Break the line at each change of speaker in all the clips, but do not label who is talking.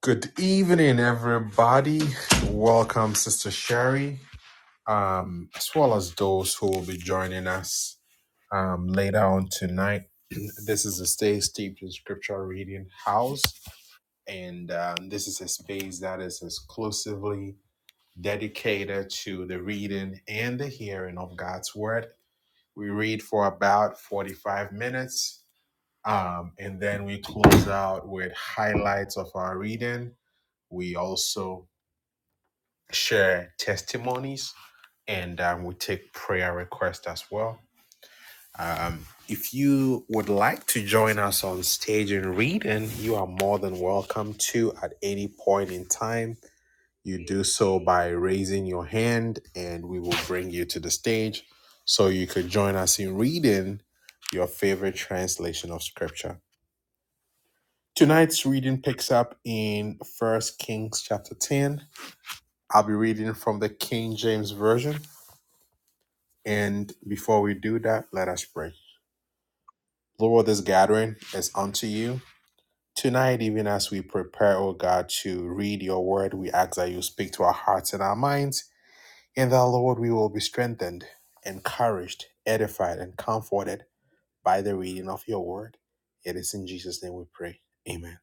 Good evening, everybody. Welcome, Sister Sherry, um, as well as those who will be joining us um, later on tonight. this is a Stay Steeped in Scripture Reading House, and um, this is a space that is exclusively dedicated to the reading and the hearing of God's Word. We read for about 45 minutes, um, and then we close out with highlights of our reading. We also share testimonies, and um, we take prayer requests as well. Um, if you would like to join us on stage and read, and you are more than welcome to at any point in time, you do so by raising your hand, and we will bring you to the stage so you could join us in reading your favorite translation of scripture. Tonight's reading picks up in First Kings chapter 10. I'll be reading from the King James Version And before we do that, let us pray. Lord, this gathering is unto you. Tonight, even as we prepare, O God, to read your word, we ask that you speak to our hearts and our minds, and that, Lord, we will be strengthened, encouraged, edified, and comforted by the reading of your word. It is in Jesus' name we pray. Amen.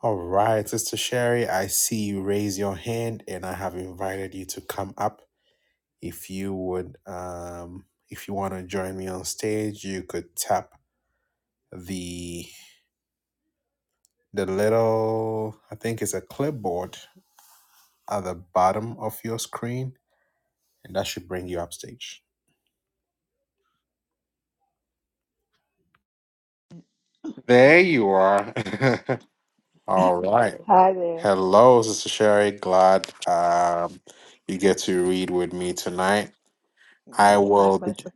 All right, Sister Sherry, I see you raise your hand, and I have invited you to come up. If you would, um, if you want to join me on stage, you could tap the the little I think it's a clipboard at the bottom of your screen, and that should bring you up stage. There you are. All right.
Hi there.
Hello, Sister Sherry. Glad um, you get to read with me tonight. I
Yes, my
will be
pleasure.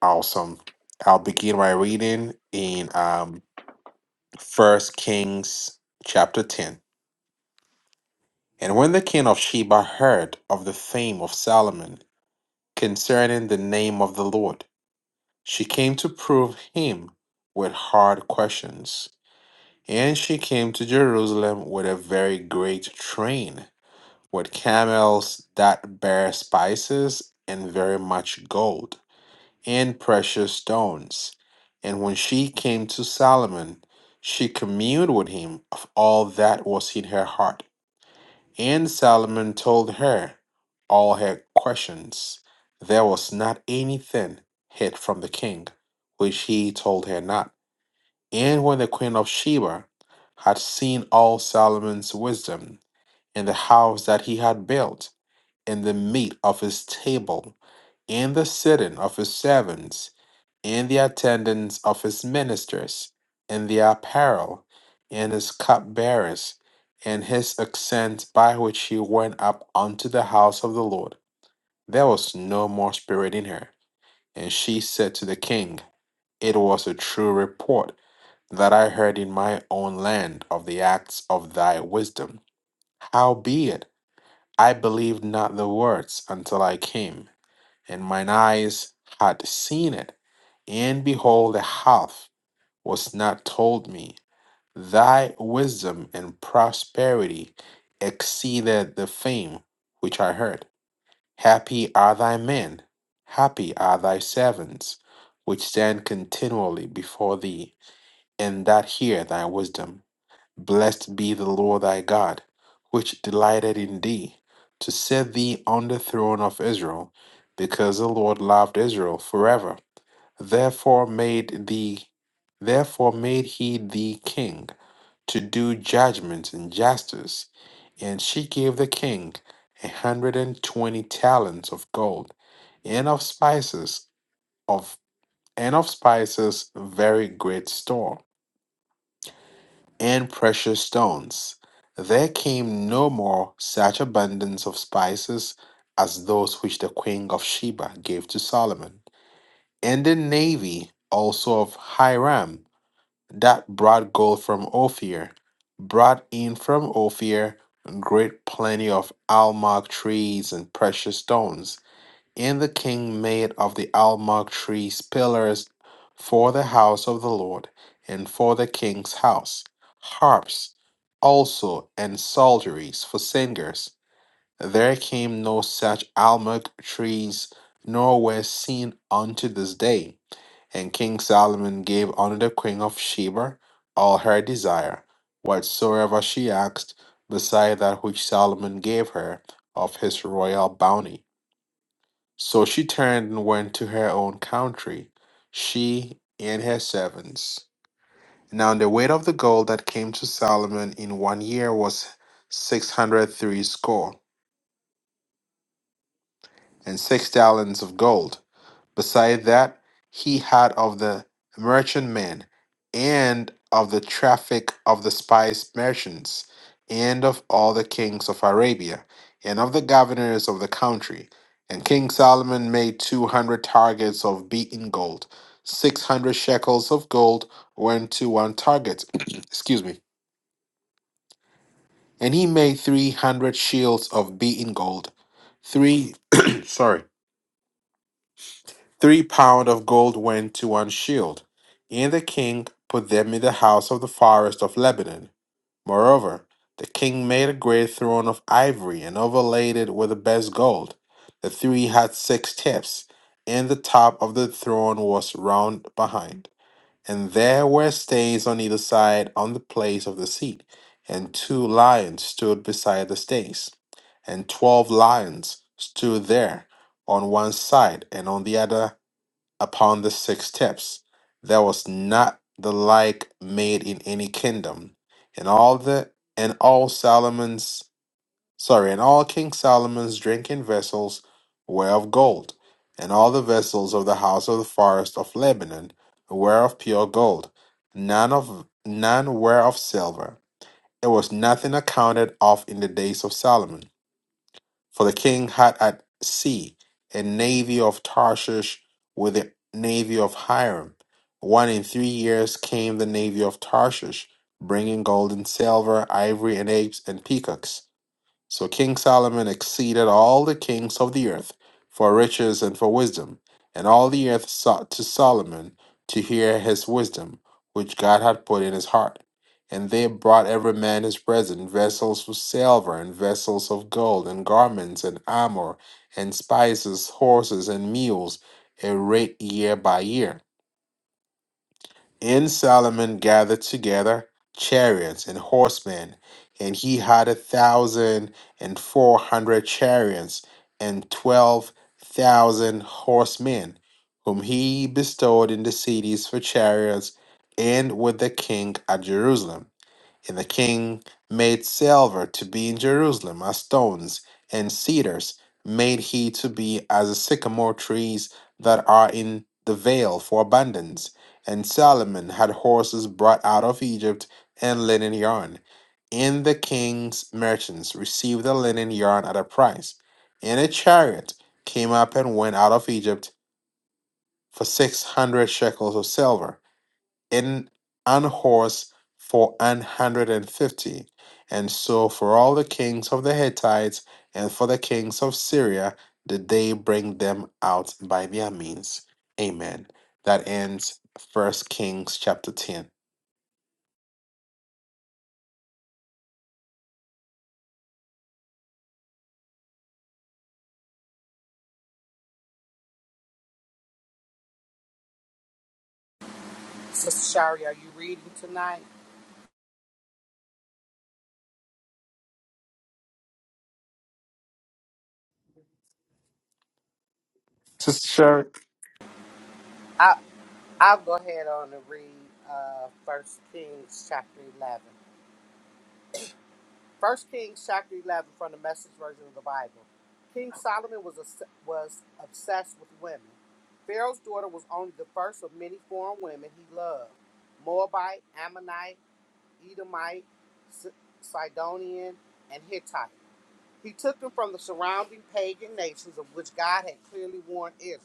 awesome. I'll begin my reading in um First Kings chapter ten. And when the king of Sheba heard of the fame of Solomon concerning the name of the Lord, She came to prove him with hard questions. And she came to Jerusalem with a very great train, with camels that bear spices and very much gold and precious stones. And when she came to Solomon, she communed with him of all that was in her heart and Solomon told her all her questions. There was not anything hid from the king, which he told her not. And when the queen of Sheba had seen all Solomon's wisdom in the house that he had built, in the meat of his table, in the sitting of his servants, in the attendance of his ministers, in their apparel, in his cupbearers, in his accent by which he went up unto the house of the Lord. There was no more spirit in her. And she said to the king, It was a true report that I heard in my own land of the acts of thy wisdom. Howbeit, I believed not the words until I came, and mine eyes had seen it, and behold, a half was not told me. Thy wisdom and prosperity exceeded the fame which I heard. Happy are thy men, happy are thy servants, which stand continually before thee, and that hear thy wisdom. Blessed be the Lord thy God, which delighted in thee, to set thee on the throne of Israel, because the Lord loved Israel forever therefore made the therefore made he the king to do judgment and justice and she gave the king a hundred and twenty talents of gold and of spices of and of spices very great store and precious stones there came no more such abundance of spices as those which the queen of sheba gave to solomon and the navy also of hiram that brought gold from Ophir, brought in from Ophir great plenty of almug trees and precious stones. And the king made of the almug trees pillars for the house of the Lord and for the king's house, harps also and psalteries for singers. There came no such almug trees, nor were seen unto this day and King Solomon gave unto the queen of Sheba all her desire, whatsoever she asked, beside that which Solomon gave her of his royal bounty. So she turned and went to her own country, she and her servants. Now the weight of the gold that came to Solomon in one year was six hundred three score, and six talents of gold. beside that he had of the merchantmen and of the traffic of the spice merchants and of all the kings of arabia and of the governors of the country and king solomon made two hundred targets of beaten gold six hundred shekels of gold went to one target excuse me and he made three hundred shields of beaten gold three sorry Three pound of gold went to one shield, and the king put them in the house of the forest of Lebanon. Moreover, the king made a great throne of ivory and overlaid it with the best gold. The three had six tips, and the top of the throne was round behind. And there were stains on either side on the place of the seat, and two lions stood beside the stains. And twelve lions stood there on one side and on the other upon the six steps, There was not the like made in any kingdom. And all the and all Solomon's sorry, and all King Solomon's drinking vessels were of gold, and all the vessels of the house of the forest of Lebanon were of pure gold, none of none were of silver. There was nothing accounted of in the days of Solomon. For the king had at sea a navy of Tarshish with the navy of Hiram. One in three years came the navy of Tarshish, bringing gold and silver, ivory and apes and peacocks. So King Solomon exceeded all the kings of the earth for riches and for wisdom, and all the earth sought to Solomon to hear his wisdom, which God had put in his heart. And they brought every man his present vessels of silver, and vessels of gold, and garments, and armor, and spices, horses, and mules, a rate year by year. And Solomon gathered together chariots and horsemen, and he had a thousand and four hundred chariots and twelve thousand horsemen, whom he bestowed in the cities for chariots and with the king at Jerusalem. And the king made silver to be in Jerusalem as stones, and cedars made he to be as the sycamore trees that are in the vale for abundance. And Solomon had horses brought out of Egypt and linen yarn. And the king's merchants received the linen yarn at a price. And a chariot came up and went out of Egypt for six hundred shekels of silver in an horse for an hundred and fifty. And so for all the kings of the Hittites and for the kings of Syria did they bring them out by their means. Amen. That ends First Kings chapter 10.
Sister Shari, are you reading tonight?
Sister Sherry.
I I'll go ahead on and read uh First Kings chapter eleven. First Kings chapter eleven from the Message version of the Bible. King Solomon was obs- was obsessed with women. Pharaoh's daughter was only the first of many foreign women he loved: Moabite, Ammonite, Edomite, Si- Sidonian, and Hittite. He took them from the surrounding pagan nations of which God had clearly warned Israel.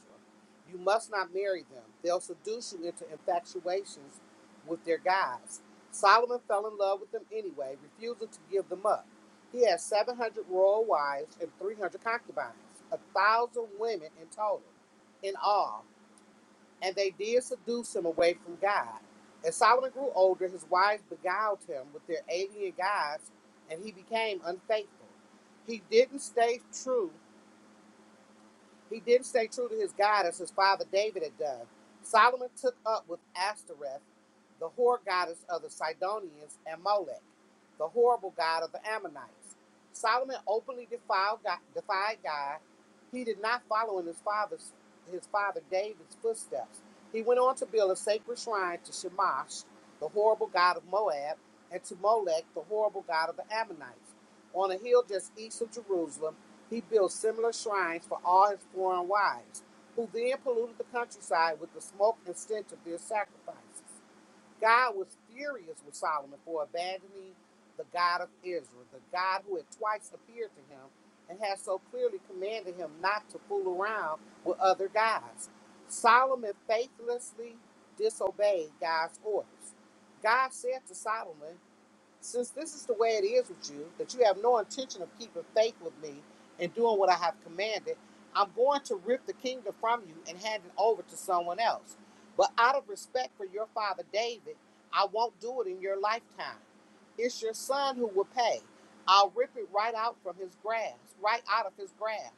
You must not marry them. They'll seduce you into infatuations with their gods. Solomon fell in love with them anyway, refusing to give them up. He had 700 royal wives and 300 concubines, a thousand women in total. In all and they did seduce him away from God. As Solomon grew older, his wives beguiled him with their alien gods, and he became unfaithful. He didn't stay true he didn't stay true to his God as his father David had done. Solomon took up with Ashtoreth, the whore goddess of the Sidonians, and Molech, the horrible god of the Ammonites. Solomon openly defiled God, defied God. He did not follow in his father's his father David's footsteps. He went on to build a sacred shrine to Shamash, the horrible god of Moab, and to Molech, the horrible god of the Ammonites, on a hill just east of Jerusalem he built similar shrines for all his foreign wives, who then polluted the countryside with the smoke and stench of their sacrifices. God was furious with Solomon for abandoning the God of Israel, the God who had twice appeared to him and had so clearly commanded him not to fool around with other gods. Solomon faithlessly disobeyed God's orders. God said to Solomon, since this is the way it is with you, that you have no intention of keeping faith with me and doing what I have commanded, I'm going to rip the kingdom from you and hand it over to someone else. But out of respect for your father David, I won't do it in your lifetime. It's your son who will pay. I'll rip it right out from his grasp, right out of his grasp.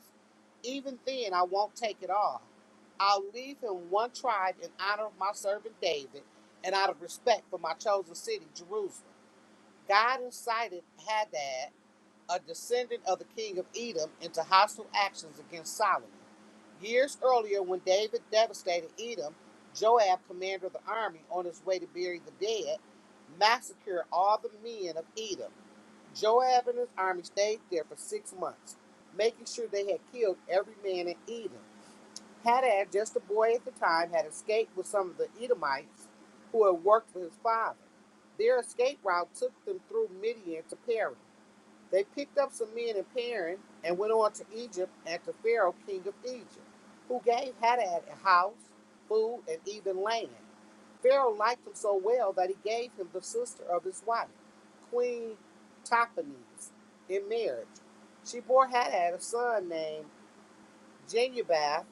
Even then, I won't take it all. I'll leave him one tribe in honor of my servant David and out of respect for my chosen city, Jerusalem. God incited Hadad, a descendant of the king of Edom, into hostile actions against Solomon. Years earlier, when David devastated Edom, Joab, commander of the army, on his way to bury the dead, massacred all the men of Edom. Joab and his army stayed there for six months, making sure they had killed every man in Edom. Hadad, just a boy at the time, had escaped with some of the Edomites who had worked for his father. Their escape route took them through Midian to Paran. They picked up some men in Paran and went on to Egypt and to Pharaoh, king of Egypt, who gave Hadad a house, food, and even land. Pharaoh liked him so well that he gave him the sister of his wife, Queen Tophanes, in marriage. She bore Hadad a son named Genubath,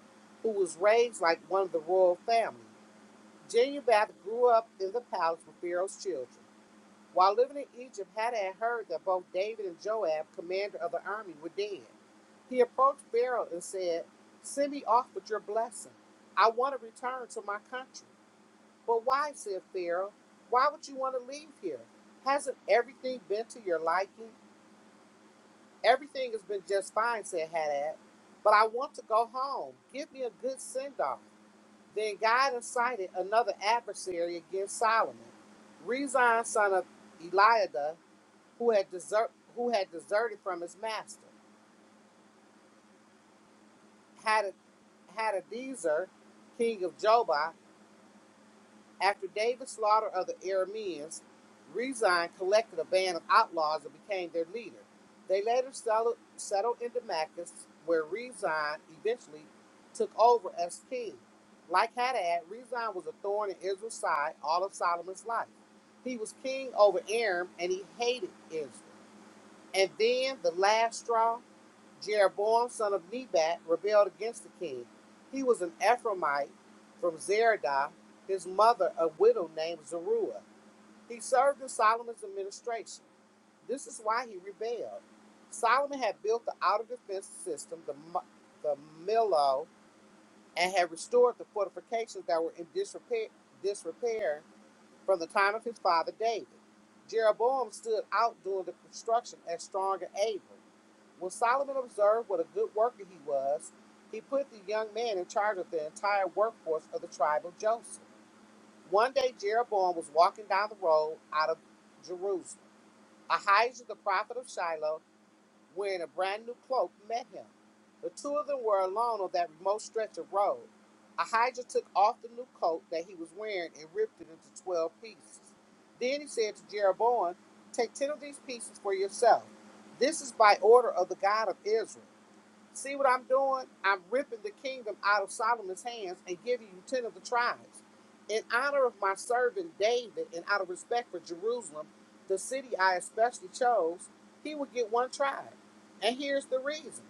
who was raised like one of the royal family. Genubath grew up in the palace with Pharaoh's children. While living in Egypt, Hadad heard that both David and Joab, commander of the army, were dead. He approached Pharaoh and said, Send me off with your blessing. I want to return to my country. But why, said Pharaoh, why would you want to leave here? Hasn't everything been to your liking? Everything has been just fine, said Hadad. But I want to go home. Give me a good send off. Then God incited another adversary against Solomon, Rezon son of Eliada, who had desert, who had deserted from his master. Had Hadadezer, king of Jobah, After David's slaughter of the Arameans, Rezin collected a band of outlaws and became their leader. They later settled, in Damascus, where Rezin eventually took over as king. Like Hadad, Rezin was a thorn in Israel's side all of Solomon's life. He was king over Aram and he hated Israel. And then the last straw. Jeroboam, son of Nebat, rebelled against the king. He was an Ephraimite from Zeradah, his mother, a widow named Zeruiah. He served in Solomon's administration. This is why he rebelled. Solomon had built the outer defense system, the, the Millo, and had restored the fortifications that were in disrepair, disrepair from the time of his father David. Jeroboam stood out during the construction as strong and able. When Solomon observed what a good worker he was, he put the young man in charge of the entire workforce of the tribe of Joseph. One day, Jeroboam was walking down the road out of Jerusalem. Ahijah, the prophet of Shiloh, wearing a brand new cloak, met him. The two of them were alone on that remote stretch of road. Ahijah took off the new coat that he was wearing and ripped it into 12 pieces. Then he said to Jeroboam, Take 10 of these pieces for yourself. This is by order of the God of Israel. See what I'm doing? I'm ripping the kingdom out of Solomon's hands and giving you 10 of the tribes. In honor of my servant David and out of respect for Jerusalem, the city I especially chose, he would get one tribe. And here's the reason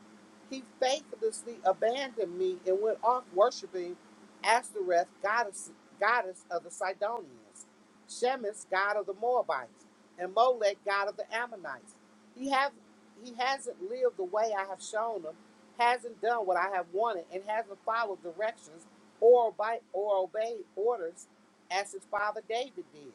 he faithlessly abandoned me and went off worshiping Ashtoreth, goddess, goddess of the Sidonians, Shemesh, god of the Moabites, and Molech, god of the Ammonites. He, have, he hasn't lived the way I have shown him hasn't done what I have wanted, and hasn't followed directions or, obe- or obeyed orders as his father David did.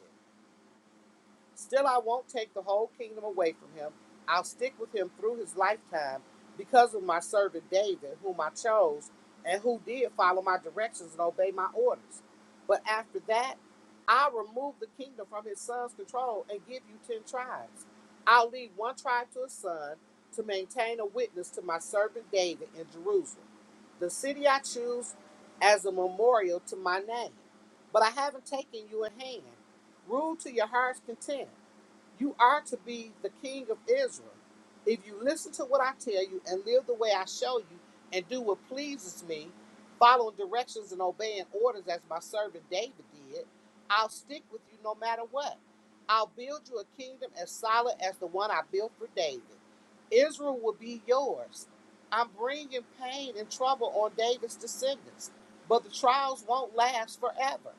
Still, I won't take the whole kingdom away from him. I'll stick with him through his lifetime because of my servant David, whom I chose and who did follow my directions and obey my orders. But after that, I'll remove the kingdom from his son's control and give you 10 tribes. I'll leave one tribe to his son to maintain a witness to my servant David in Jerusalem, the city I choose as a memorial to my name. But I haven't taken you in hand. Rule to your heart's content. You are to be the king of Israel. If you listen to what I tell you and live the way I show you and do what pleases me, following directions and obeying orders as my servant David did, I'll stick with you no matter what. I'll build you a kingdom as solid as the one I built for David. Israel will be yours. I'm bringing pain and trouble on David's descendants, but the trials won't last forever.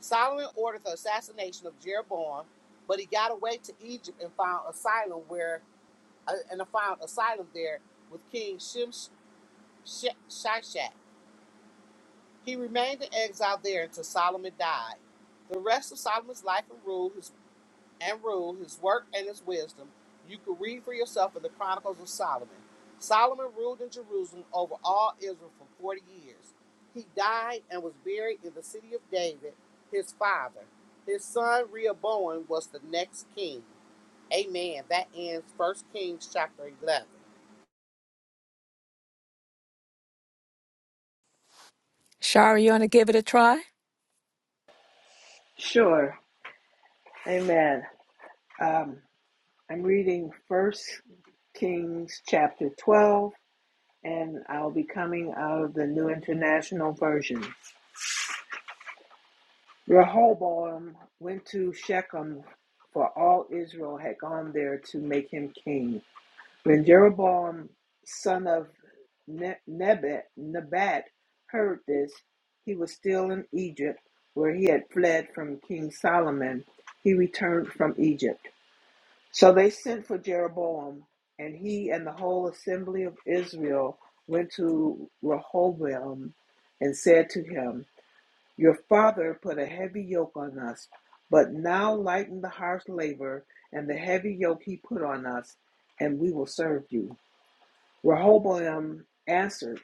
Solomon ordered the assassination of Jeroboam, but he got away to Egypt and found asylum where uh, and found asylum there with King Shem Shishak. He remained in exile there until Solomon died. The rest of Solomon's life and rule, his and rule, his work and his wisdom, you can read for yourself in the Chronicles of Solomon. Solomon ruled in Jerusalem over all Israel for 40 years. He died and was buried in the city of David, his father. His son Rehoboam was the next king. Amen. That ends First Kings chapter 11.
Shari, you want to give it a try?
Sure. Amen. Um, I'm reading First Kings chapter 12, and I'll be coming out of the New International Version. Rehoboam went to Shechem, for all Israel had gone there to make him king. When Jeroboam, son of Ne- Nebat, Nebat heard this, he was still in Egypt, where he had fled from King Solomon. He returned from Egypt. So they sent for Jeroboam, and he and the whole assembly of Israel went to Rehoboam and said to him, Your father put a heavy yoke on us, but now lighten the harsh labor and the heavy yoke he put on us, and we will serve you. Rehoboam answered,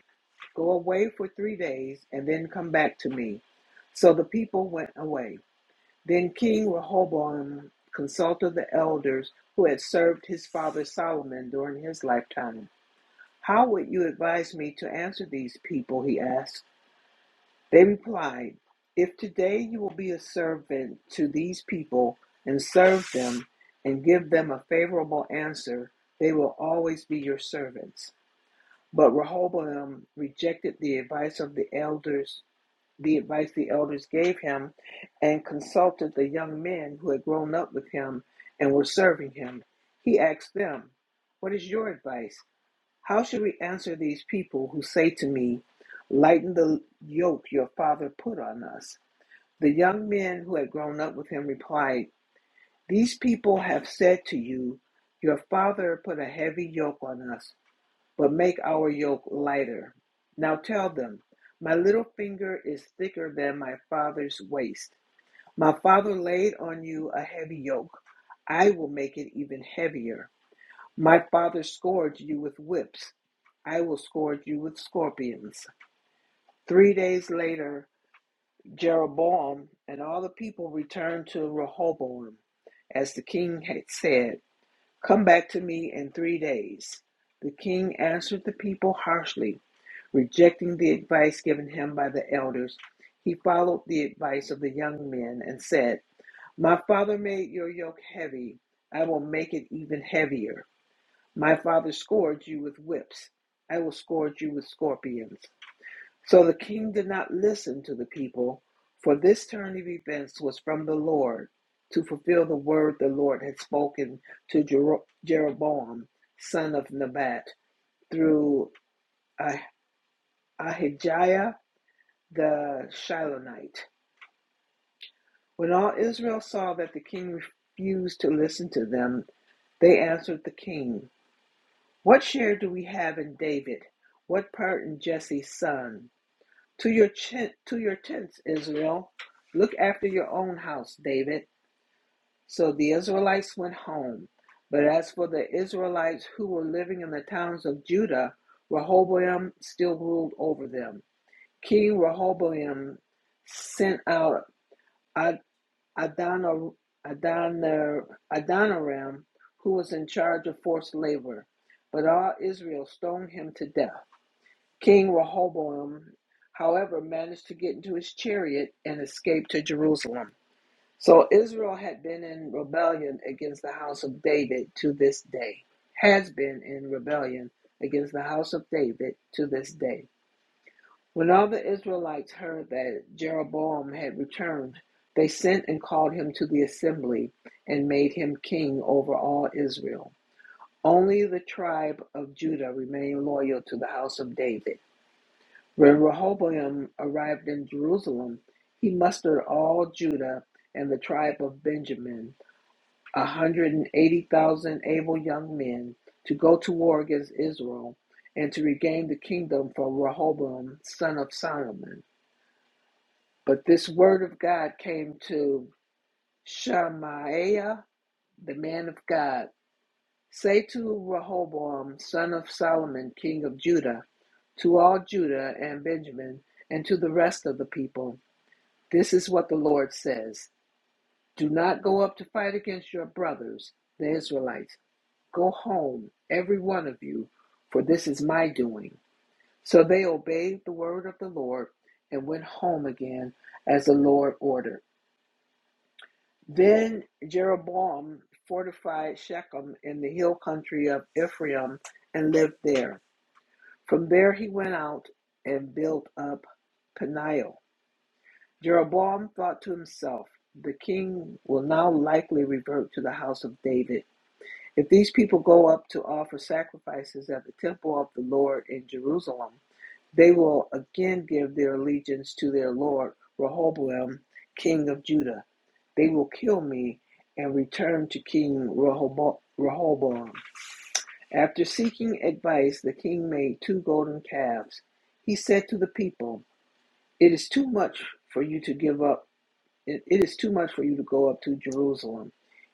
Go away for three days and then come back to me. So the people went away. Then King Rehoboam consulted the elders who had served his father Solomon during his lifetime. How would you advise me to answer these people? He asked. They replied, If today you will be a servant to these people and serve them and give them a favorable answer, they will always be your servants. But Rehoboam rejected the advice of the elders, the advice the elders gave him, and consulted the young men who had grown up with him and were serving him. He asked them, What is your advice? How should we answer these people who say to me, 'Lighten the yoke your father put on us? The young men who had grown up with him replied, These people have said to you, 'Your father put a heavy yoke on us but make our yoke lighter. Now tell them, my little finger is thicker than my father's waist. My father laid on you a heavy yoke. I will make it even heavier. My father scourged you with whips. I will scourge you with scorpions. Three days later, Jeroboam and all the people returned to Rehoboam, as the king had said. Come back to me in three days. The king answered the people harshly, rejecting the advice given him by the elders. He followed the advice of the young men and said, My father made your yoke heavy. I will make it even heavier. My father scourged you with whips. I will scourge you with scorpions. So the king did not listen to the people, for this turn of events was from the Lord to fulfill the word the Lord had spoken to Jero- Jeroboam, son of Nebat, through Ah- Ahijah the Shilonite. When all Israel saw that the king refused to listen to them, they answered the king, What share do we have in David? What part in Jesse's son? To your chin, to your tents, Israel. Look after your own house, David. So the Israelites went home. But as for the Israelites who were living in the towns of Judah, Rehoboam still ruled over them. King Rehoboam sent out Ad- Adonir- Adonir- Adoniram, who was in charge of forced labor. But all Israel stoned him to death. King Rehoboam, however, managed to get into his chariot and escape to Jerusalem. So Israel had been in rebellion against the house of David to this day, has been in rebellion against the house of David to this day. When all the Israelites heard that Jeroboam had returned, they sent and called him to the assembly and made him king over all Israel. Only the tribe of Judah remained loyal to the house of David. When Rehoboam arrived in Jerusalem, he mustered all Judah and the tribe of Benjamin, a 180,000 able young men, to go to war against Israel and to regain the kingdom from Rehoboam, son of Solomon. But this word of God came to Shemaiah, the man of God. Say to Rehoboam, son of Solomon, king of Judah, to all Judah and Benjamin, and to the rest of the people. This is what the Lord says Do not go up to fight against your brothers, the Israelites. Go home, every one of you, for this is my doing. So they obeyed the word of the Lord and went home again as the Lord ordered. Then Jeroboam fortified Shechem in the hill country of Ephraim and lived there. From there he went out and built up Peniel Jeroboam thought to himself, The king will now likely revert to the house of David. If these people go up to offer sacrifices at the temple of the Lord in Jerusalem, they will again give their allegiance to their Lord Rehoboam, king of Judah. They will kill me and return to King Rehobo- Rehoboam. After seeking advice, the king made two golden calves. He said to the people, It is too much for you to give up it, it is too much for you to go up to Jerusalem.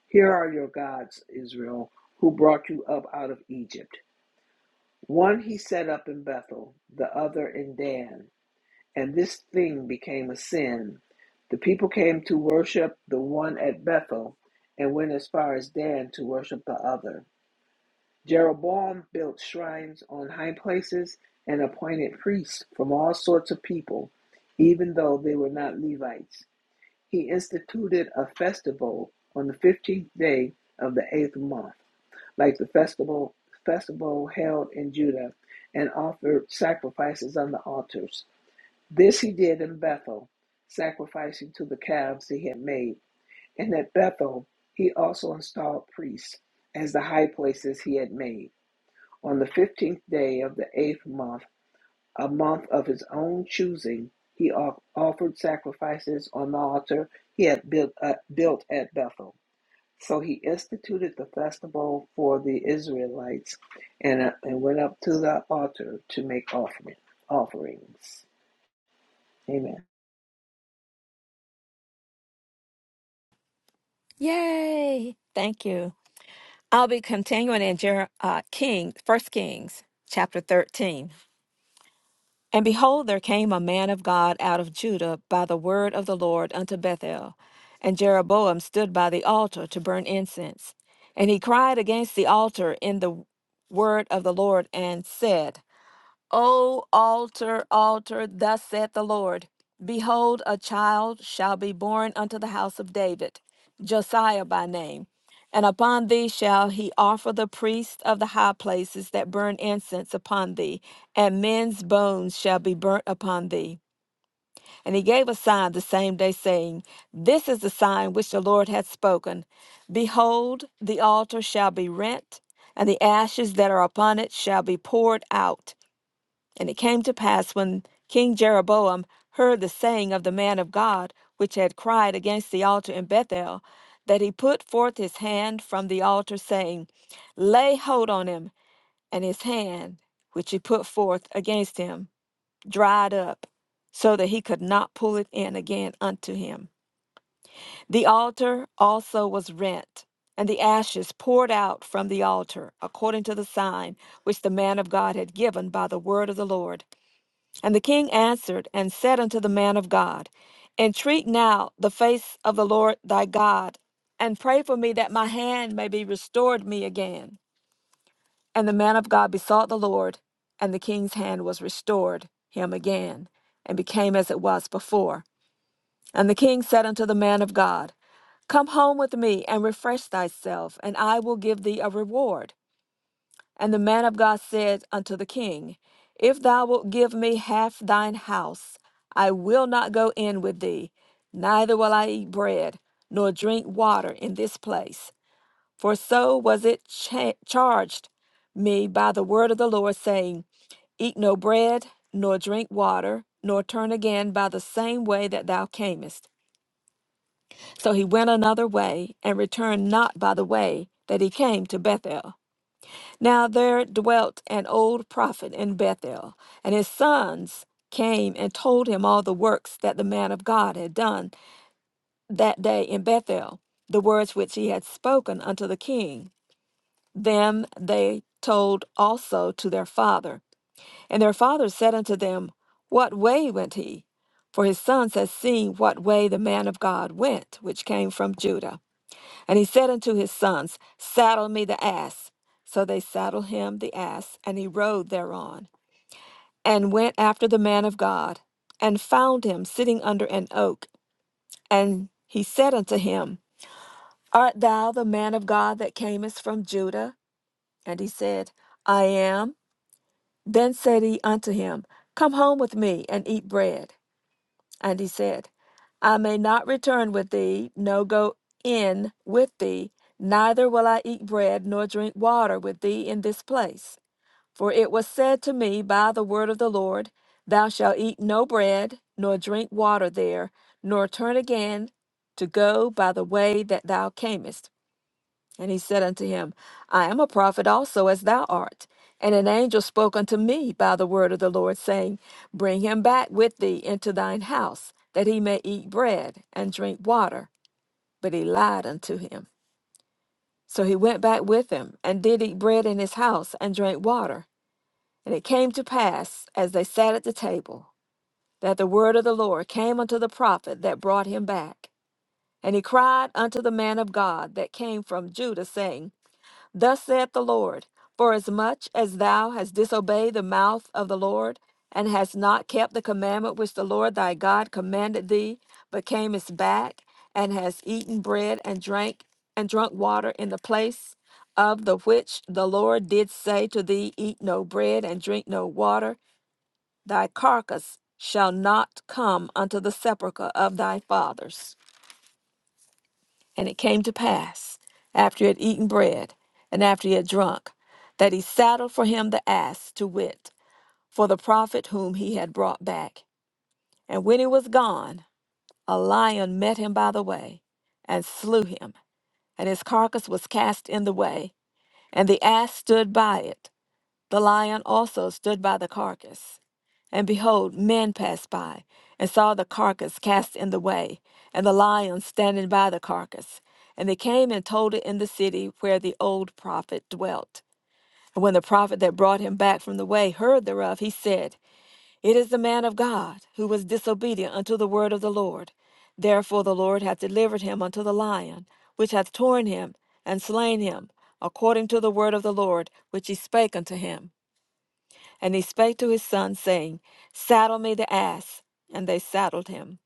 Here are your gods, Israel, who brought you up out of Egypt. One he set up in Bethel, the other in Dan, and this thing became a sin. The people came to worship the one at Bethel and went as far as Dan to worship the other. Jeroboam built shrines on high places and appointed priests from all sorts of people, even though they were not Levites. He instituted a festival on the fifteenth day of the eighth month, like the festival festival held in Judah, and offered sacrifices on the altars. This he did in Bethel, sacrificing to the calves he had made. And at Bethel he also installed priests as the high places he had made. On the fifteenth day of the eighth month a month of his own choosing, he off- offered sacrifices on the altar he had built, uh, built at Bethel. So he instituted the festival for the Israelites and, uh, and went up to the altar to make offering, offerings. Amen.
Yay! Thank you. I'll be continuing in Jer- uh, King, First Kings, chapter thirteen. And behold, there came a man of God out of Judah by the word of the Lord unto Bethel, and Jeroboam stood by the altar to burn incense, and he cried against the altar in the word of the Lord and said. O altar, altar, thus saith the Lord Behold, a child shall be born unto the house of David, Josiah by name. And upon thee shall he offer the priests of the high places that burn incense upon thee, and men's bones shall be burnt upon thee. And he gave a sign the same day, saying, This is the sign which the Lord hath spoken Behold, the altar shall be rent, and the ashes that are upon it shall be poured out and it came to pass when King Jeroboam heard the saying of the man of God, which had cried against the altar in Bethel, that he put forth his hand from the altar, saying, Lay hold on him. And his hand, which he put forth against him, dried up, so that he could not pull it in again unto him. The altar also was rent, and the ashes poured out from the altar, according to the sign which the man of God had given by the word of the Lord. And the king answered and said unto the man of God, Entreat now the face of the Lord thy God, and pray for me that my hand may be restored me again. And the man of God besought the Lord, and the king's hand was restored him again, and became as it was before. And the king said unto the man of God, Come home with me and refresh thyself, and I will give thee a reward. And the man of God said unto the king, If thou wilt give me half thine house, I will not go in with thee, neither will I eat bread, nor drink water in this place. For so was it cha- charged me by the word of the Lord, saying, Eat no bread, nor drink water, nor turn again by the same way that thou camest. So he went another way, and returned not by the way that he came to Bethel. Now there dwelt an old prophet in Bethel, and his sons came and told him all the works that the man of God had done that day in Bethel, the words which he had spoken unto the king. Them they told also to their father. And their father said unto them, What way went he? For his sons had seen what way the man of God went, which came from Judah. And he said unto his sons, Saddle me the ass. So they saddled him the ass, and he rode thereon, and went after the man of God, and found him sitting under an oak. And he said unto him, Art thou the man of God that camest from Judah? And he said, I am. Then said he unto him, Come home with me and eat bread. And he said, I may not return with thee, no go in with thee, neither will I eat bread nor drink water with thee in this place. For it was said to me by the word of the Lord, Thou shalt eat no bread, nor drink water there, nor turn again to go by the way that thou camest. And he said unto him, I am a prophet also as thou art. And an angel spoke unto me by the word of the Lord, saying, Bring him back with thee into thine house, that he may eat bread and drink water. But he lied unto him. So he went back with him, and did eat bread in his house, and drank water. And it came to pass, as they sat at the table, that the word of the Lord came unto the prophet that brought him back. And he cried unto the man of God that came from Judah, saying, Thus saith the Lord, For as much as thou hast disobeyed the mouth of the Lord, and hast not kept the commandment which the Lord thy God commanded thee, but camest back, and hast eaten bread and drank and drunk water in the place of the which the Lord did say to thee, Eat no bread and drink no water, thy carcass shall not come unto the sepulchre of thy fathers. And it came to pass, after he had eaten bread, and after he had drunk, that he saddled for him the ass, to wit, for the prophet whom he had brought back. And when he was gone, a lion met him by the way, and slew him, and his carcass was cast in the way, and the ass stood by it. The lion also stood by the carcass. And behold, men passed by, and saw the carcass cast in the way, and the lion standing by the carcass. And they came and told it in the city where the old prophet dwelt. And when the prophet that brought him back from the way heard thereof, he said, It is the man of God, who was disobedient unto the word of the Lord. Therefore the Lord hath delivered him unto the lion, which hath torn him and slain him, according to the word of the Lord, which he spake unto him. And he spake to his sons, saying, Saddle me the ass. And they saddled him.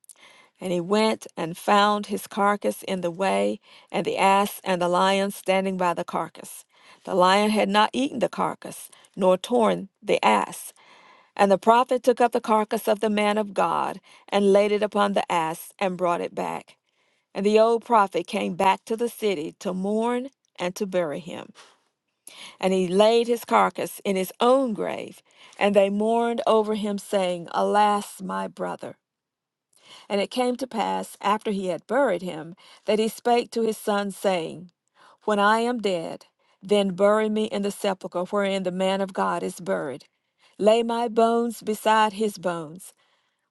And he went and found his carcass in the way, and the ass and the lion standing by the carcass. The lion had not eaten the carcass, nor torn the ass. And the prophet took up the carcass of the man of God, and laid it upon the ass, and brought it back. And the old prophet came back to the city to mourn and to bury him. And he laid his carcass in his own grave, and they mourned over him, saying, Alas, my brother. And it came to pass, after he had buried him, that he spake to his son, saying, When I am dead, then bury me in the sepulchre wherein the man of God is buried. Lay my bones beside his bones,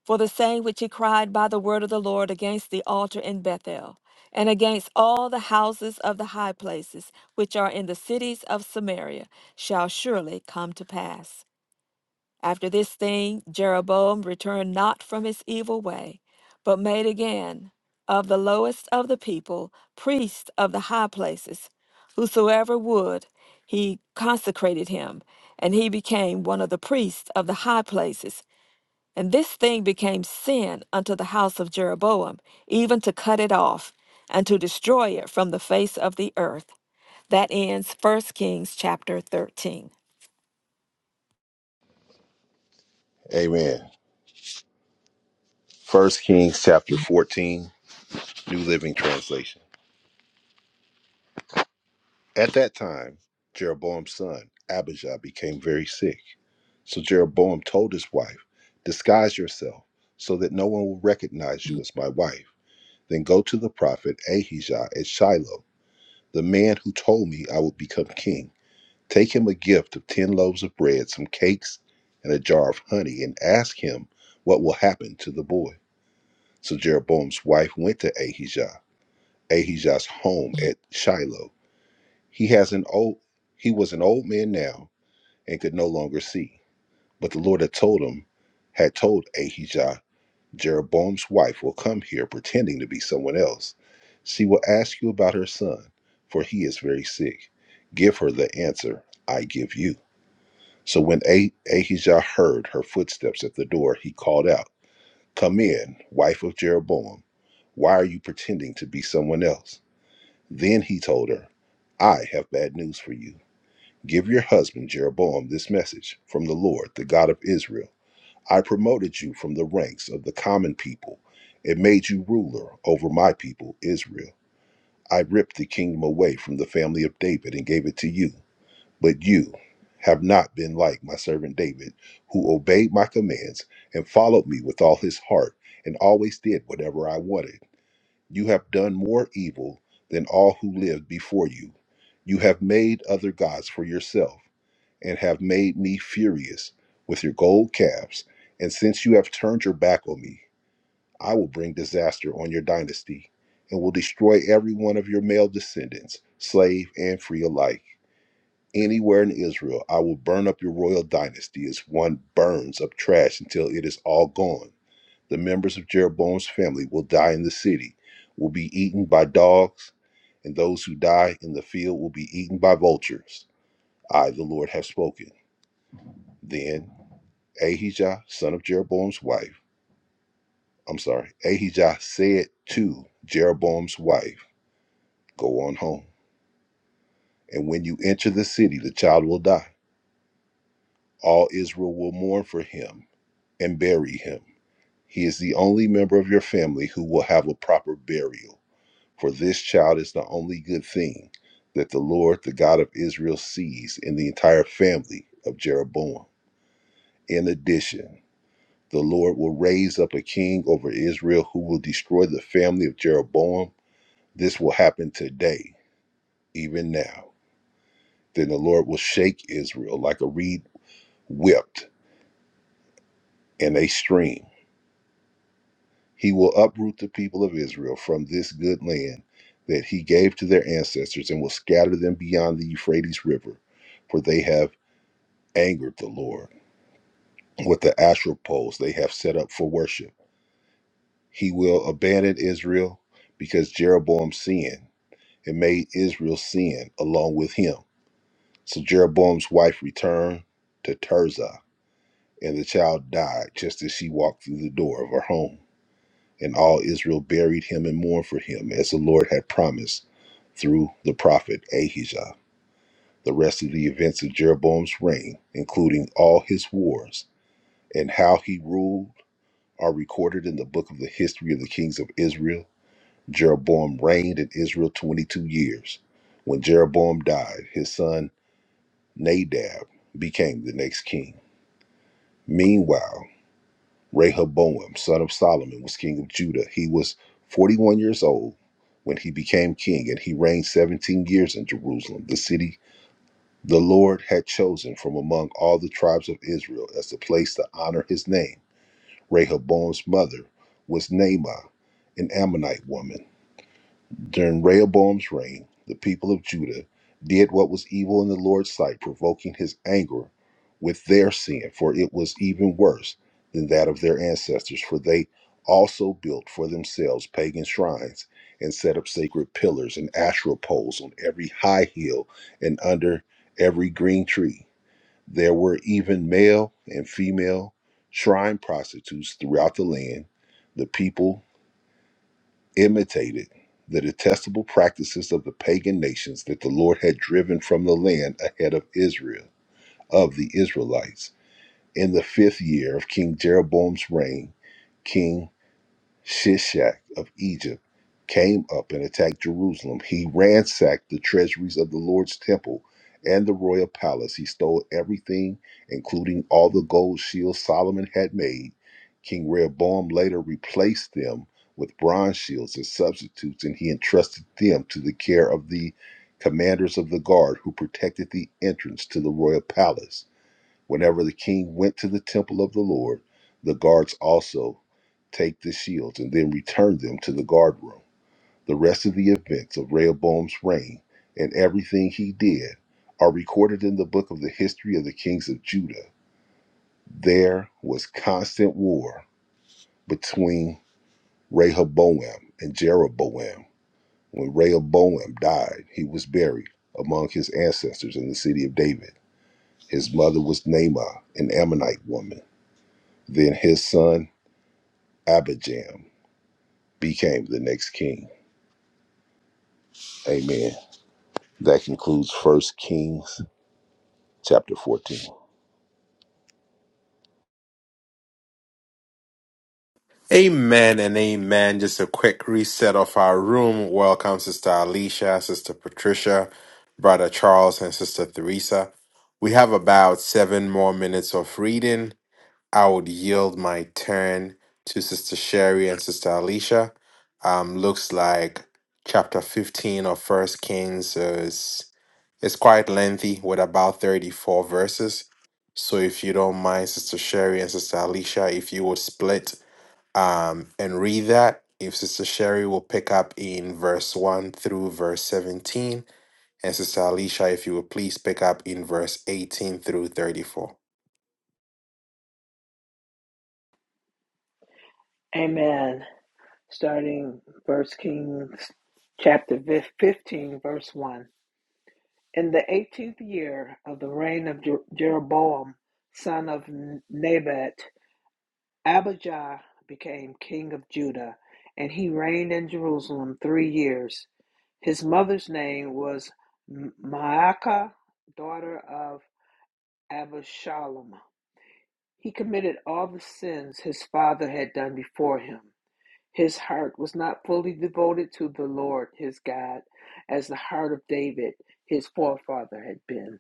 for the same which he cried by the word of the Lord against the altar in Bethel, and against all the houses of the high places which are in the cities of Samaria, shall surely come to pass. After this thing, Jeroboam returned not from his evil way, but made again of the lowest of the people priests of the high places. Whosoever would, he consecrated him, and he became one of the priests of the high places and this thing became sin unto the house of Jeroboam, even to cut it off and to destroy it from the face of the earth. That ends First Kings chapter 13.
Amen. First Kings chapter 14, New Living Translation. At that time, Jeroboam's son, Abijah, became very sick. So Jeroboam told his wife, Disguise yourself so that no one will recognize you as my wife. Then go to the prophet Ahijah at Shiloh, the man who told me I would become king. Take him a gift of 10 loaves of bread, some cakes, and a jar of honey, and ask him what will happen to the boy. So Jeroboam's wife went to Ahijah. Ahijah's home at Shiloh. He has an old he was an old man now and could no longer see. But the Lord had told him, had told Ahijah, Jeroboam's wife will come here pretending to be someone else. She will ask you about her son, for he is very sick. Give her the answer I give you. So when ah- Ahijah heard her footsteps at the door, he called out, Come in, wife of Jeroboam. Why are you pretending to be someone else? Then he told her, I have bad news for you. Give your husband Jeroboam this message from the Lord, the God of Israel. I promoted you from the ranks of the common people and made you ruler over my people, Israel. I ripped the kingdom away from the family of David and gave it to you. But you have not been like my servant David, who obeyed my commands and followed me with all his heart and always did whatever I wanted. You have done more evil than all who lived before you. You have made other gods for yourself, and have made me furious with your gold calves. And since you have turned your back on me, I will bring disaster on your dynasty, and will destroy every one of your male descendants, slave and free alike. Anywhere in Israel, I will burn up your royal dynasty as one burns up trash until it is all gone. The members of Jeroboam's family will die in the city, will be eaten by dogs, and those who die in the field will be eaten by vultures. I, the Lord, have spoken. Then Ahijah, son of Jeroboam's wife, I'm sorry, Ahijah said to Jeroboam's wife, Go on home. And when you enter the city, the child will die. All Israel will mourn for him and bury him. He is the only member of your family who will have a proper burial. For this child is the only good thing that the Lord, the God of Israel, sees in the entire family of Jeroboam. In addition, the Lord will raise up a king over Israel who will destroy the family of Jeroboam. This will happen today, even now. Then the Lord will shake Israel like a reed whipped in a stream. He will uproot the people of Israel from this good land that he gave to their ancestors and will scatter them beyond the Euphrates River, for they have angered the Lord with the astral poles they have set up for worship. He will abandon Israel because Jeroboam sinned and made Israel sin along with him. So Jeroboam's wife returned to Tirzah, and the child died just as she walked through the door of her home. And all Israel buried him and mourned for him, as the Lord had promised through the prophet Ahijah. The rest of the events of Jeroboam's reign, including all his wars and how he ruled are recorded in the book of the history of the kings of Israel. Jeroboam reigned in Israel 22 years. When Jeroboam died, his son Nadab became the next king. Meanwhile, Rehoboam, son of Solomon, was king of Judah. He was 41 years old when he became king, and he reigned 17 years in Jerusalem, the city the Lord had chosen from among all the tribes of Israel as the place to honor his name Rehoboam's mother was Naamah, an Ammonite woman. During Rehoboam's reign, the people of Judah did what was evil in the Lord's sight, provoking his anger with their sin, for it was even worse than that of their ancestors, for they also built for themselves pagan shrines and set up sacred pillars and asherah poles on every high hill and under every green tree. There were even male and female shrine prostitutes throughout the land. The people imitated the detestable practices of the pagan nations that the Lord had driven from the land ahead of Israel, of the Israelites. In the fifth year of King Jeroboam's reign, King. Shishak of Egypt, came up and attacked Jerusalem. He ransacked the treasuries of the Lord's temple and the royal palace. He stole everything, including all the gold shields Solomon had made. King Rehoboam later replaced them with bronze shields as substitutes, and he entrusted them to the care of the commanders of the guard who protected the entrance to the royal palace. Whenever the king went to the temple of the Lord, the guards also take the shields and then return them to the guard room. The rest of the events of Rehoboam's reign and everything he did are recorded in the book of the history of the kings of Judah. There was constant war between Rehoboam and Jeroboam. When Rehoboam died, he was buried among his ancestors in the city of David. His mother was Naamah, an Ammonite woman. Then his son Abijam became the next king. Amen. That concludes First Kings chapter 14.
Amen and amen. Just a quick reset of our room. Welcome, Sister Alicia, Sister Patricia, Brother Charles, and Sister Theresa. We have about seven more minutes of reading I would yield my turn to Sister Sherry and Sister Alicia. Um, looks like chapter 15 of First Kings is it's quite lengthy with about 34 verses. So if you don't mind, Sister Sherry and Sister Alicia, if you would split um, and read that, if Sister Sherry will pick up in verse 1 through verse 17, and Sister Alicia, if you would please pick up in verse 18 through 34.
Amen. Starting First Kings chapter fif- 15, verse 1. In the 18th year of the reign of Jer- Jeroboam, son of Nebat, Abijah became king of Judah, and he reigned in Jerusalem three years. His mother's name was M- Maacah, daughter of Abishalom. He committed all the sins his father had done before him. His heart was not fully devoted to the Lord his God, as the heart of David, his forefather, had been.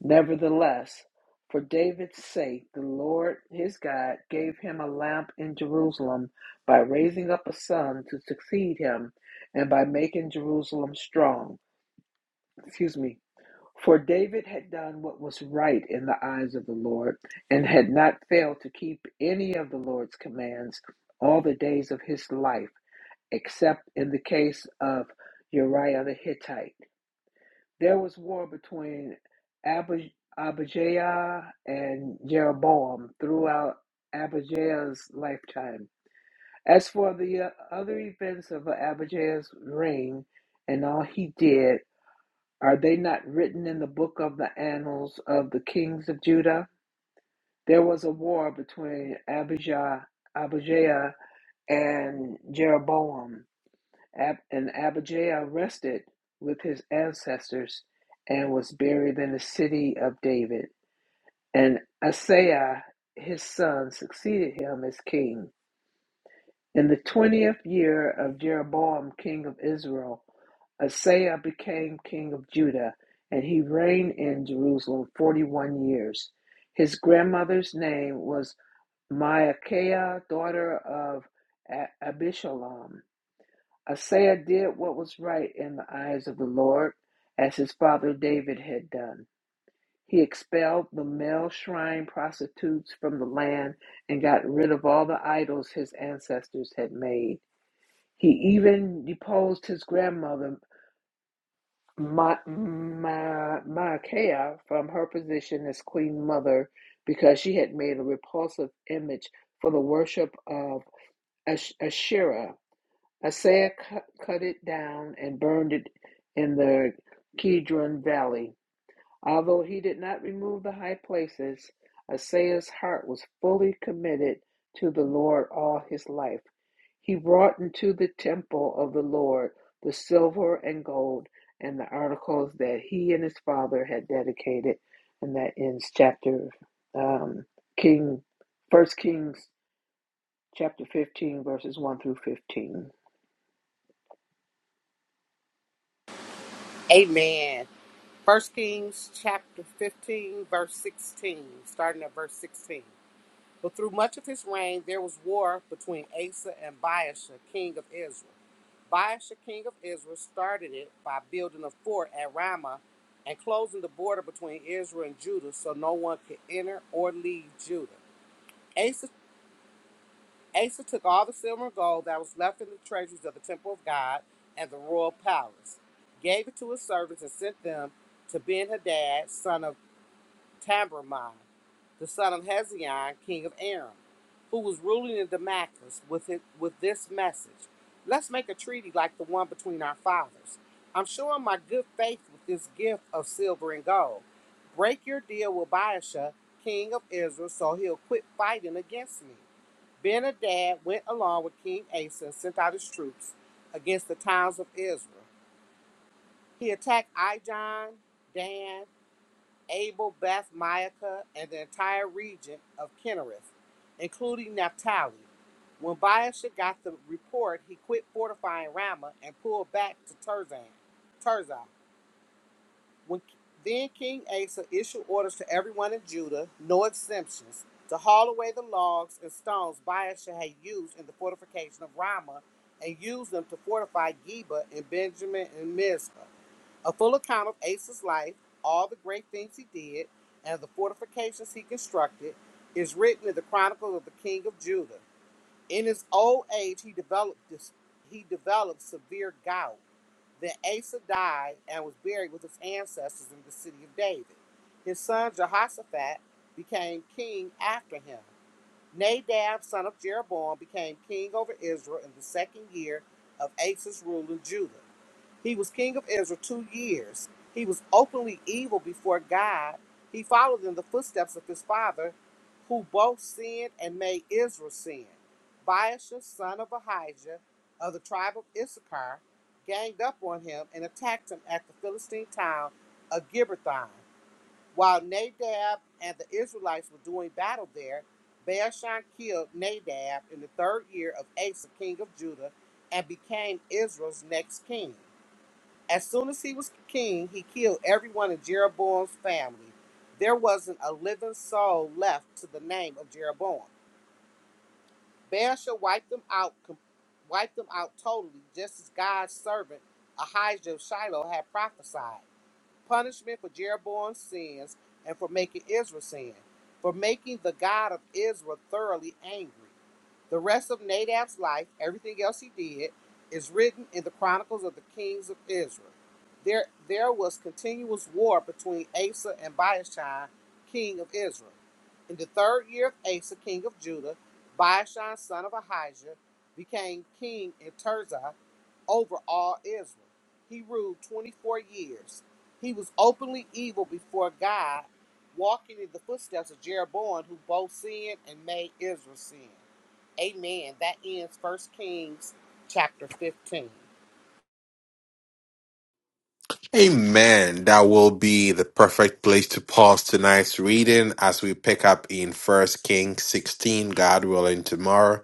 Nevertheless, for David's sake, the Lord his God gave him a lamp in Jerusalem by raising up a son to succeed him and by making Jerusalem strong. Excuse me. For David had done what was right in the eyes of the Lord and had not failed to keep any of the Lord's commands all the days of his life, except in the case of Uriah the Hittite. There was war between Ab- Abijah and Jeroboam throughout Abijah's lifetime. As for the uh, other events of Abijah's reign and all he did, are they not written in the book of the annals of the kings of Judah? There was a war between Abijah, Abijah and Jeroboam. Ab- and Abijah rested with his ancestors and was buried in the city of David. And Asaiah, his son, succeeded him as king. In the 20th year of Jeroboam, king of Israel, Asaiah became king of Judah, and he reigned in Jerusalem 41 years. His grandmother's name was Maacah, daughter of Abishalom. Isaiah did what was right in the eyes of the Lord, as his father David had done. He expelled the male shrine prostitutes from the land and got rid of all the idols his ancestors had made. He even deposed his grandmother, Ma- Ma- Maacah, from her position as queen mother because she had made a repulsive image for the worship of Ash- Asherah Isaiah cut, it down and burned it in the Kidron Valley. Although he did not remove the high places, Isaiah's heart was fully committed to the Lord all his life. He brought into the temple of the Lord the silver and gold and the articles that he and his father had dedicated, and that ends chapter um, King, First Kings chapter fifteen verses one through fifteen.
Amen. First Kings chapter 15, verse 16, starting at verse 16. But through much of his reign, there was war between Asa and Baasha, king of Israel. Baasha, king of Israel, started it by building a fort at Ramah and closing the border between Israel and Judah so no one could enter or leave Judah. Asa, Asa took all the silver and gold that was left in the treasuries of the temple of God and the royal palace, gave it to his servants, and sent them to Ben Hadad, son of Tabermon, the son of Hezion, king of Aram, who was ruling in Damascus with, it, with this message Let's make a treaty like the one between our fathers. I'm showing my good faith with this gift of silver and gold. Break your deal with Baasha, king of Israel, so he'll quit fighting against me. Ben Hadad went along with King Asa and sent out his troops against the towns of Israel. He attacked Ijon, Dan, Abel, Beth, Maacah, and the entire region of Kinnereth, including Naphtali. When Baasha got the report, he quit fortifying Ramah and pulled back to Tirzah. Tirzah. When, then King Asa issued orders to everyone in Judah, no exemptions, to haul away the logs and stones Baasha had used in the fortification of Ramah and used them to fortify Geba and Benjamin and Mizpah a full account of Asa's life, all the great things he did, and the fortifications he constructed, is written in the Chronicles of the King of Judah. In his old age, he developed this, he developed severe gout. Then Asa died and was buried with his ancestors in the city of David. His son Jehoshaphat became king after him. Nadab, son of Jeroboam, became king over Israel in the second year of Asa's rule in Judah. He was king of Israel two years. He was openly evil before God. He followed in the footsteps of his father, who both sinned and made Israel sin. Baasha, son of Ahijah, of the tribe of Issachar, ganged up on him and attacked him at the Philistine town of Gibbethon. While Nadab and the Israelites were doing battle there, Baasha killed Nadab in the third year of Asa, king of Judah, and became Israel's next king. As soon as he was king, he killed everyone in Jeroboam's family. There wasn't a living soul left to the name of Jeroboam. Baasha wiped them out, com- wiped them out totally, just as God's servant Ahijah of Shiloh had prophesied punishment for Jeroboam's sins and for making Israel sin, for making the God of Israel thoroughly angry. The rest of Nadab's life, everything else he did, is written in the chronicles of the kings of Israel. There, there was continuous war between Asa and Baashan, king of Israel. In the third year of Asa, king of Judah, Baashan, son of Ahijah, became king in Tirzah over all Israel. He ruled 24 years. He was openly evil before God, walking in the footsteps of Jeroboam, who both sinned and made Israel sin. Amen. That ends First Kings chapter 15.
Amen. That will be the perfect place to pause tonight's reading as we pick up in First Kings 16, God willing, tomorrow.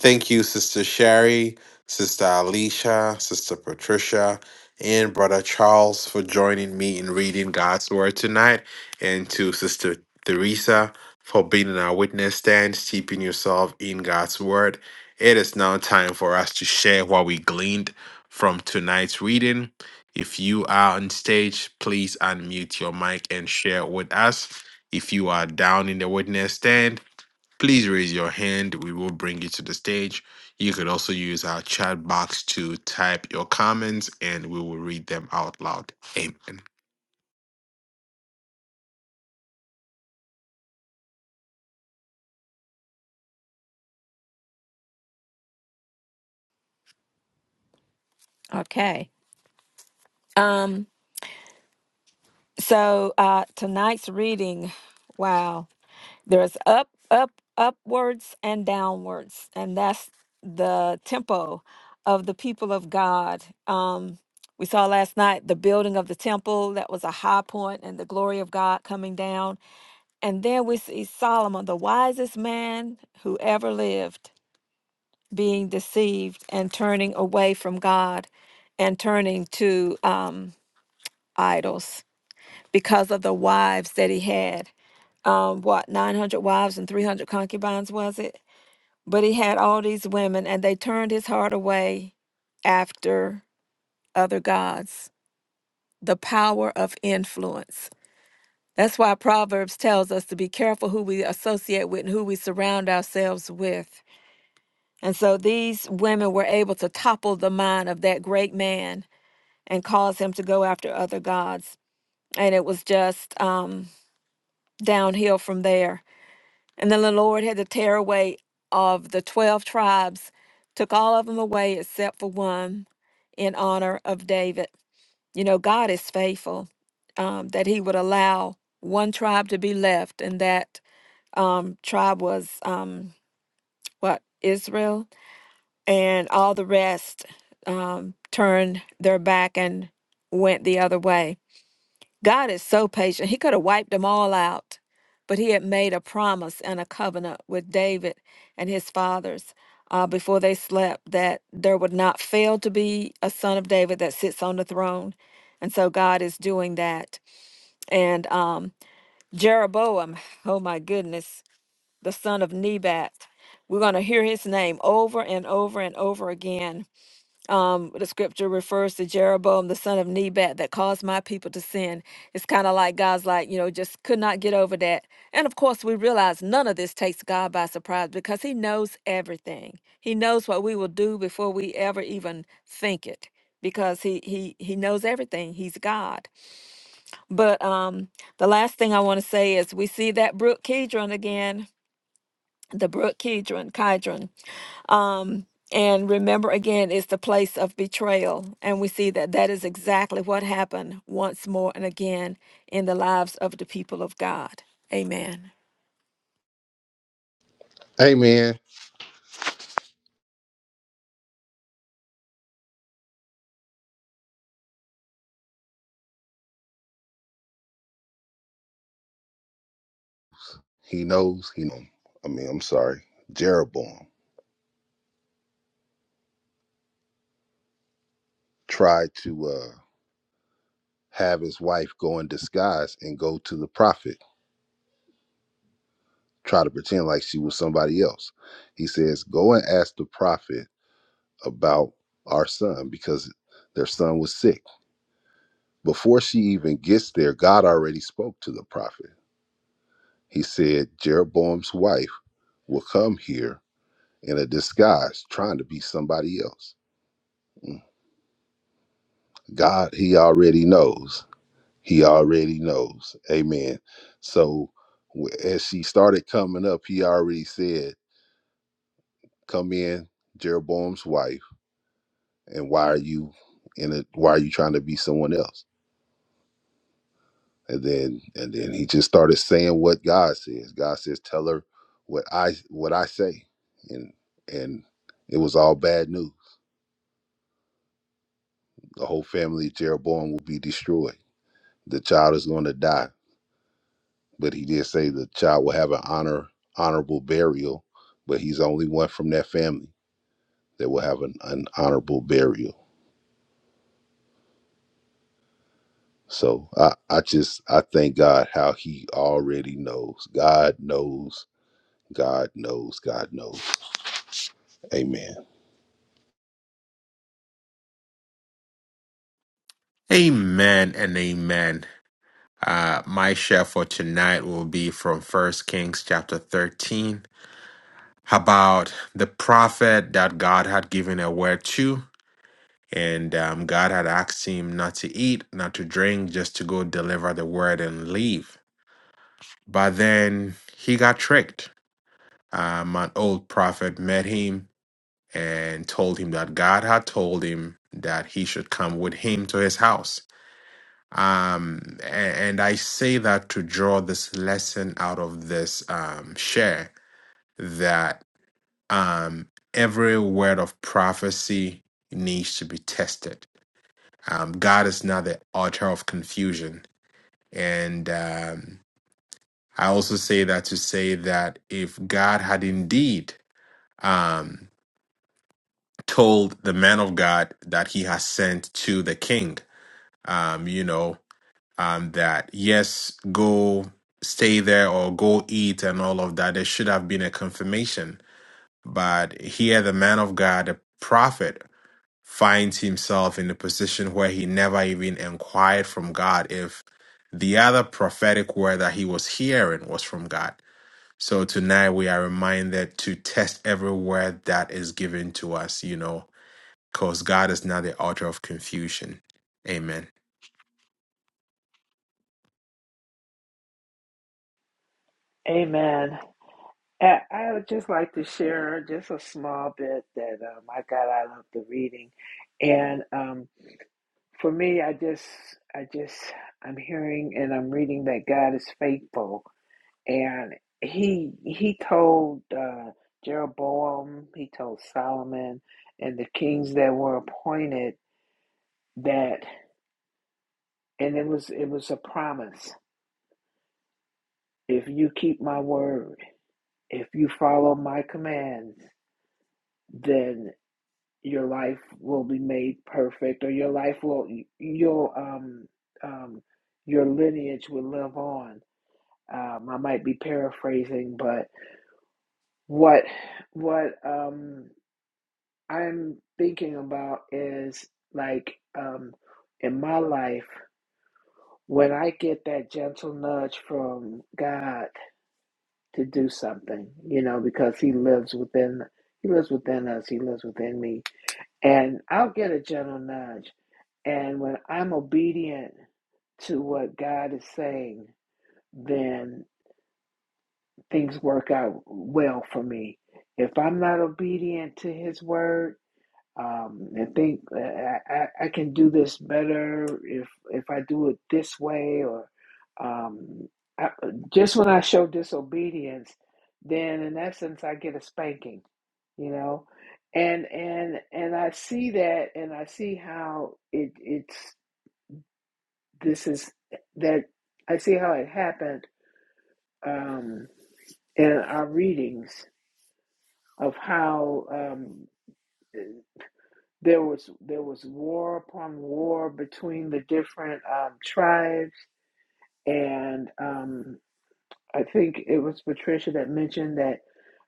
Thank you, Sister Sherry, Sister Alicia, Sister Patricia, and Brother Charles for joining me in reading God's Word tonight, and to Sister Teresa for being in our witness stand, steeping yourself in God's Word. It is now time for us to share what we gleaned from tonight's reading. If you are on stage, please unmute your mic and share with us. If you are down in the witness stand, please raise your hand. We will bring you to the stage. You could also use our chat box to type your comments and we will read them out loud. Amen.
Okay. Um so uh tonight's reading wow There's up, up, upwards, and downwards, and that's the tempo of the people of God. Um, we saw last night the building of the temple. That was a high point, and the glory of God coming down. And then we see Solomon, the wisest man who ever lived, being deceived and turning away from God and turning to um, idols because of the wives that he had. Um, what, 900 wives and 300 concubines, was it? But he had all these women, and they turned his heart away after other gods. The power of influence. That's why Proverbs tells us to be careful who we associate with and who we surround ourselves with. And so these women were able to topple the mind of that great man and cause him to go after other gods. And it was just um, downhill from there And then the Lord had to tear away of the 12 tribes, took all of them away except for one in honor of David. You know, God is faithful um, that he would allow one tribe to be left, and that um, tribe was um, what? Israel. And all the rest um, turned their back and went the other way. God is so patient. He could have wiped them all out, but he had made a promise and a covenant with David and his fathers uh, before they slept that there would not fail to be a son of David that sits on the throne. And so God is doing that. And um, Jeroboam, oh my goodness, the son of Nebat, we're going to hear his name over and over and over again um, the scripture refers to Jeroboam, the son of Nebat, that caused my people to sin. It's kind of like God's like, you know, just could not get over that. And of course, we realize none of this takes God by surprise because he knows everything. He knows what we will do before we ever even think it because he he he knows everything he's god but um the last thing i want to say is we see that brook kedron again the brook kedron kidron um, and remember again, it's the place of betrayal. And we see that that is exactly what happened once more and again in the lives of the people of God. Amen.
Amen. He knows. He. Know. I mean, I'm sorry. Jeroboam tried to uh, have his wife go in disguise and go to the prophet. Try to pretend like she was somebody else. He says, "Go and ask the prophet about our son because their son was sick." Before she even gets there, God already spoke to the prophet. He said, "Jeroboam's wife." will come here in a disguise trying to be somebody else. Mm. God, he already knows. He already knows. Amen. So w- as she started coming up, he already said, "Come in, Jeroboam's wife, and why are you in a why are you trying to be someone else?" And then and then he just started saying what God says. God says, "Tell her what I what I say." And and it was all bad news. The whole family of Jeroboam will be destroyed The child is going to die, but he did say the child will have an honor honorable burial, but he's the only one from that family that will have an, an honorable burial. So I, I just I thank God how he already knows. God knows. God knows. God knows. Amen.
Amen and amen. Uh, my share for tonight will be from First Kings chapter 13 about the prophet that God had given a word to. And um, God had asked him not to eat, not to drink, just to go deliver the word and leave. But then he got tricked. Um, an old prophet met him and told him that God had told him that he should come with him to his house. Um, a- and I say that to draw this lesson out of this um, share that um, every word of prophecy needs to be tested Um, God is not the author of confusion. And um, I also say that to say that if God had indeed um, told the man of God that he has sent to the king, um, you know, um, that yes, go stay there or go eat and all of that, there should have been a confirmation. But here, the man of God, the prophet, finds himself in a position where he never even inquired from God if the other prophetic word that he was hearing was from God. So tonight we are reminded to test every word that is given to us, you know, because God is not the author of confusion. Amen.
Amen. I I would just like to share just a small bit that um, I got out of the reading, and um, for me, I just, I just, I'm hearing and I'm reading that God is faithful, and he he told uh, Jeroboam, he told Solomon, and the kings that were appointed that, and it was it was a promise: if you keep my word, if you follow my commands, then. your life will be made perfect or your life will you'll um um your lineage will live on um i might be paraphrasing but what what um i'm thinking about is like um in my life when i get that gentle nudge from god to do something you know because he lives within he lives within us he lives within me and i'll get a gentle nudge And when I'm obedient to what God is saying, then things work out well for me. If I'm not obedient to His word, um, and think uh, I, I can do this better if if I do it this way, or um, I, just when I show disobedience, then in essence I get a spanking, you know. And and and I see that, and I see how it it's. This is that I see how it happened um, in our readings of how um, there was there was war upon war between the different um, tribes, and um, I think it was Patricia that mentioned that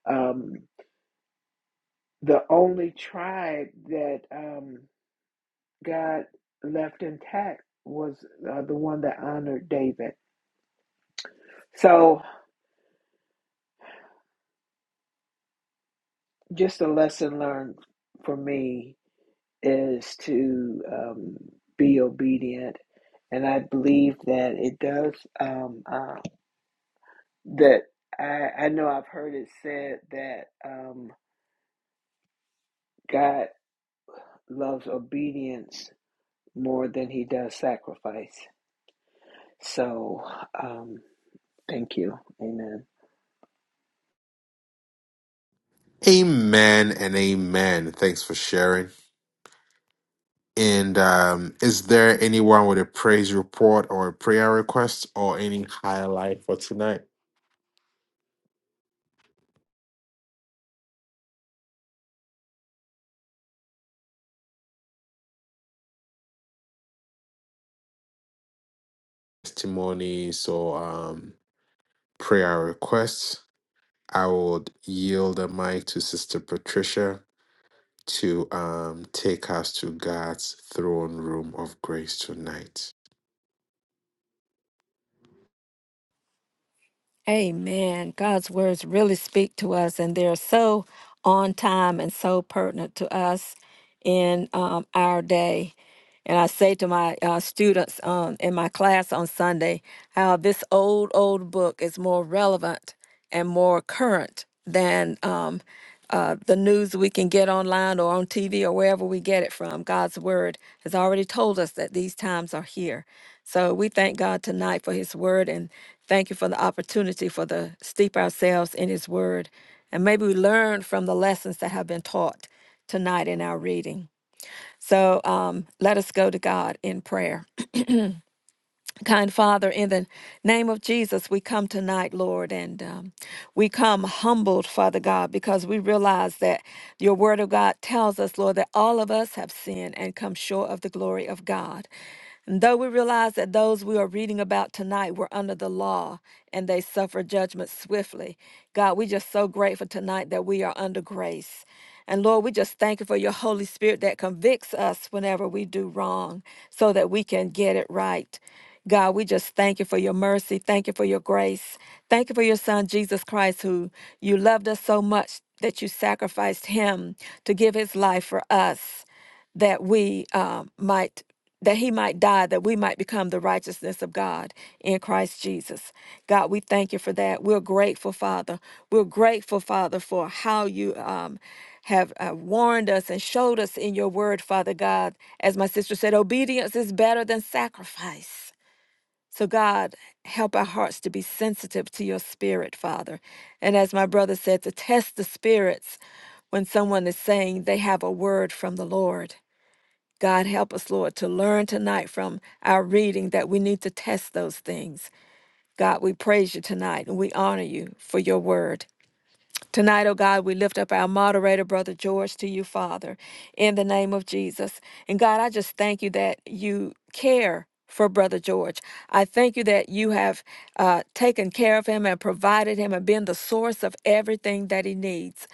um, the only tribe that um, God left intact was uh, the one that honored David. So, just a lesson learned for me is to um, be obedient, and I believe that it does. Um, uh, that I, I know I've heard it said that um, God loves obedience more than He does sacrifice. So, um, thank you, Amen.
Amen and amen. Thanks for sharing. And um, is there anyone with a praise report or a prayer request or any highlight for tonight? Testimonies or um, prayer requests. I would yield the mic to Sister Patricia to um, take us to God's throne room of grace tonight.
Amen. God's words really speak to us, and they're so on time and so pertinent to us in um, our day. And I say to my uh, students um, in my class on Sunday how this old, old book is more relevant and more current than um, uh, the news we can get online or on TV or wherever we get it from. God's word has already told us that these times are here. So we thank God tonight for his word and thank you for the opportunity for the steep ourselves in his word. And maybe we learn from the lessons that have been taught tonight in our reading. So um, let us go to God in prayer. Kind Father, in the name of Jesus, we come tonight, Lord, and um, we come humbled, Father God, because we realize that your word of God tells us, Lord, that all of us have sinned and come short of the glory of God. And though we realize that those we are reading about tonight were under the law and they suffered judgment swiftly, God, we're just so grateful tonight that we are under grace. And Lord, we just thank you for your Holy Spirit that convicts us whenever we do wrong so that we can get it right. God, we just thank you for your mercy. Thank you for your grace. Thank you for your son, Jesus Christ, who you loved us so much that you sacrificed him to give his life for us, that we uh, might. That he might die, that we might become the righteousness of God in Christ Jesus. God, we thank you for that. We're grateful, Father. We're grateful, Father, for how you um, have uh, warned us and showed us in your word, Father God. As my sister said, obedience is better than sacrifice. So, God, help our hearts to be sensitive to your spirit, Father. And as my brother said, to test the spirits when someone is saying they have a word from the Lord. God, help us, Lord, to learn tonight from our reading that we need to test those things. God, we praise you tonight and we honor you for your word. Tonight, oh God, we lift up our moderator, Brother George, to you, Father, in the name of Jesus. And God, I just thank you that you care for Brother George. I thank you that you have uh, taken care of him and provided him and been the source of everything that he needs.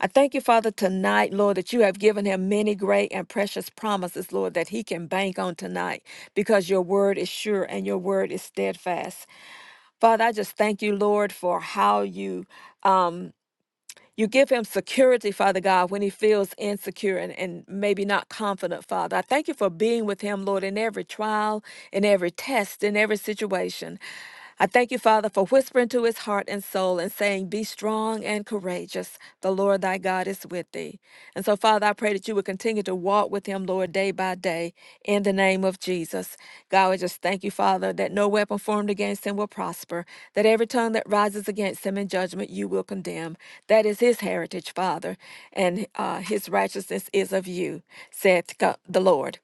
I thank you, Father, tonight, Lord, that you have given him many great and precious promises, Lord, that he can bank on tonight because your word is sure and your word is steadfast. Father, I just thank you, Lord, for how you. Um, you give him security, Father God, when he feels insecure and, and maybe not confident, Father. I thank you for being with him, Lord, in every trial, in every test, in every situation. I thank you, Father, for whispering to his heart and soul and saying, Be strong and courageous. The Lord thy God is with thee. And so, Father, I pray that you would continue to walk with him, Lord, day by day, in the name of Jesus. God, we just thank you, Father, that no weapon formed against him will will prosper, that every tongue that rises against him in judgment you will condemn. That is his heritage, Father, and uh, his righteousness is of you, saith Go- the Lord.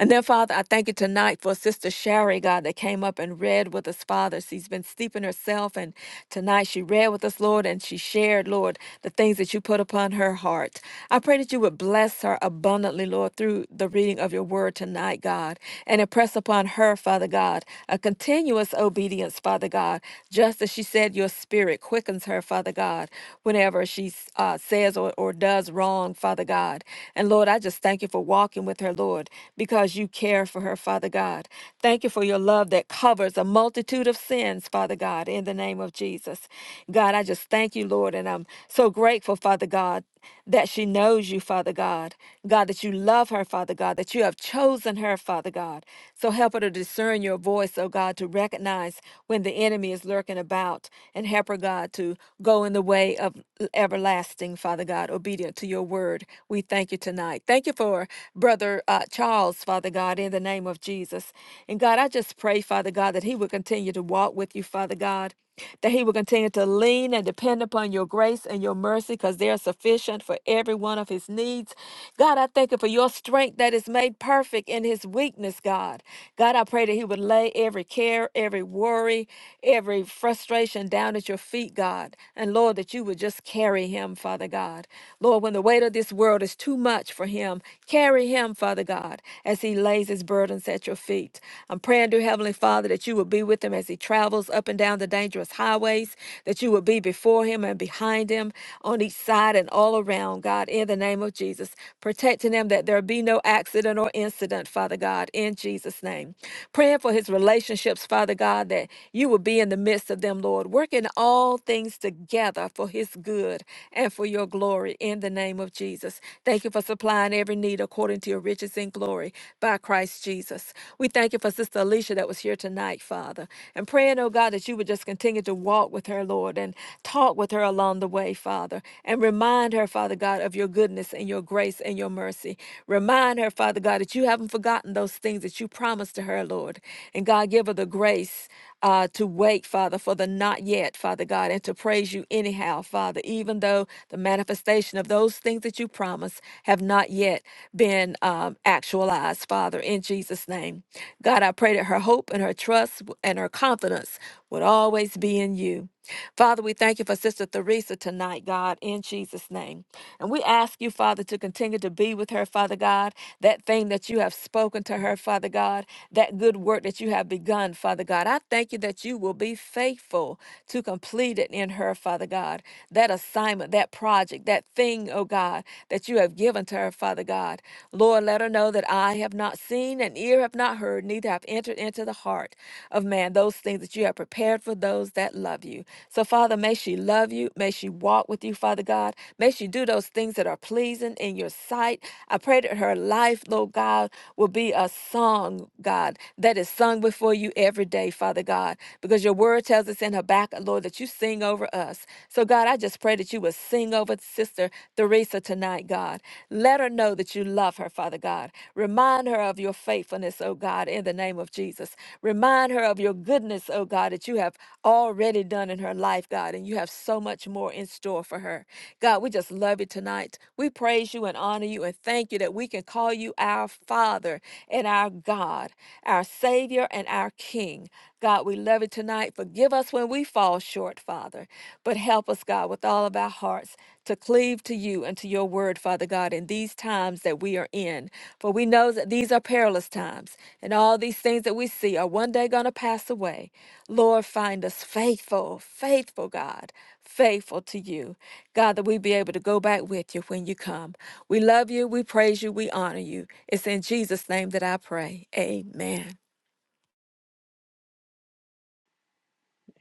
And then, Father, I thank you tonight for Sister Sherry, God, that came up and read with us, Father. She's been steeping herself, and tonight she read with us, Lord, and she shared, Lord, the things that you put upon her heart. I pray that you would bless her abundantly, Lord, through the reading of your word tonight tonight, God, and impress upon her, Father God, a continuous obedience, Father God, just as she said, your spirit quickens her, Father God, whenever she uh, says or, or does wrong, Father God. And Lord, I just thank you for walking with her, Lord, because you care for her, Father God. Thank you for your love that covers a multitude of sins, Father God, in the name of Jesus. God, I just thank you, Lord, and I'm so grateful, Father God that she knows you, Father God. God, that you love her, Father God, that you have chosen her, Father God. So help her to discern your voice, oh God, to recognize when the enemy is lurking about and help her, God, to go in the way of everlasting, Father God, obedient to your word. We thank you tonight. Thank you for Brother uh, Charles, Father God, in the name of Jesus. And God, I just pray, Father God, that he will continue to walk with you, Father God that he will continue to lean and depend upon your grace and your mercy because they are sufficient for every one of his needs. God, I thank you for your strength that is made perfect in his weakness, God. God, I pray that he would lay every care, every worry, every frustration down at your feet, God. And Lord, that you would just carry him, Father God. Lord, when the weight of this world is too much for him, carry him, Father God, as he lays his burdens at your feet. I'm praying, dear Heavenly Father. Father, that you would be with him as he travels up and down the dangerous highways, that you would be before him and behind him, on each side and all around, God, in the name of Jesus, protecting him that there be no accident or incident, Father God, in Jesus' name. Praying for his relationships, Father God, that you would be in the midst of them, Lord, working all things together for his good and for your glory in the name of Jesus. Thank you for supplying every need according to your riches in glory by Christ. Christ Jesus. We thank you for Sister Alicia that was here tonight, Father. And praying, oh God, that you would just continue to walk with her, Lord, and talk with her along the way, Father. And remind her, Father God, of your goodness and your grace and your mercy. Remind her, Father God, that you haven't forgotten those things that you promised to her, Lord. And God, give her the grace uh, to wait, Father, for the not yet, Father God, and to praise you anyhow, Father, even though the manifestation of those things that you promised have not yet been um, actualized, Father, in Jesus' name. God, I pray that her hope and her trust w- and her confidence would always be in you. Father, we thank you for Sister Theresa tonight, God, in Jesus' name. And we ask you, Father, to continue to be with her, Father God, that thing that you have spoken to her, Father God, that good work that you have begun, Father God. Father God. I thank you that you will be faithful to complete it in her, Father God. That assignment, that project, that thing, oh God, that you have given to her, Father God. Lord, let her know that I have not seen and ear have not heard, neither have entered into the heart of man those things that you have prepared for those that love you. So, Father, may she love you. May she walk with you, Father God. May she do those things that are pleasing in your sight. I pray that her life, Lord God, will be a song, God, that is sung before you you every day, Father God, because your word tells us in Habakkuk, Lord, that you sing over us. So, God, I just pray that you would sing over Sister Theresa tonight, God. Let her know that you love her, Father God. Remind her of your faithfulness, oh God, in the name of Jesus. Remind her of your goodness, oh God, that you have already done in her life, God, and you have so much more in store for her. God, we just love you tonight. We praise you and honor you and thank you that we can call you our Father and our God, our Savior Savior and our King. God, we love you tonight. Forgive us when we fall short, Father, but help us, God, with all of our hearts to cleave to you and to your word, Father God, in these times that we are in. For we know that these are perilous times, and all these things that we see are one day going to pass away. Lord, find us faithful, faithful, God, faithful to you. God, that we be able to go back with you when you come. We love you, we praise you, we honor you. It's in Jesus' name that I pray. Amen.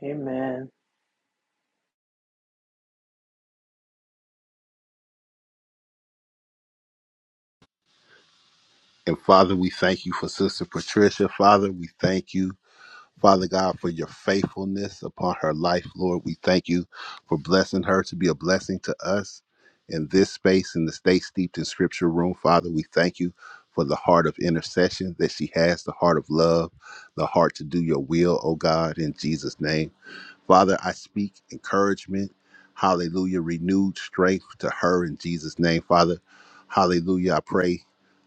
Amen.
And Father, we thank you for Sister Patricia. Father, we thank you Father God, for your faithfulness upon her life, Lord. We thank you for blessing her to be a blessing to us in this space, in the Stay Steeped in Scripture room. Father, we thank you for the heart of intercession that she has, the heart of love, the heart to do your will, oh God, in Jesus' name. Father, I speak encouragement, hallelujah, renewed strength to her in Jesus' name, Father. Hallelujah. I pray,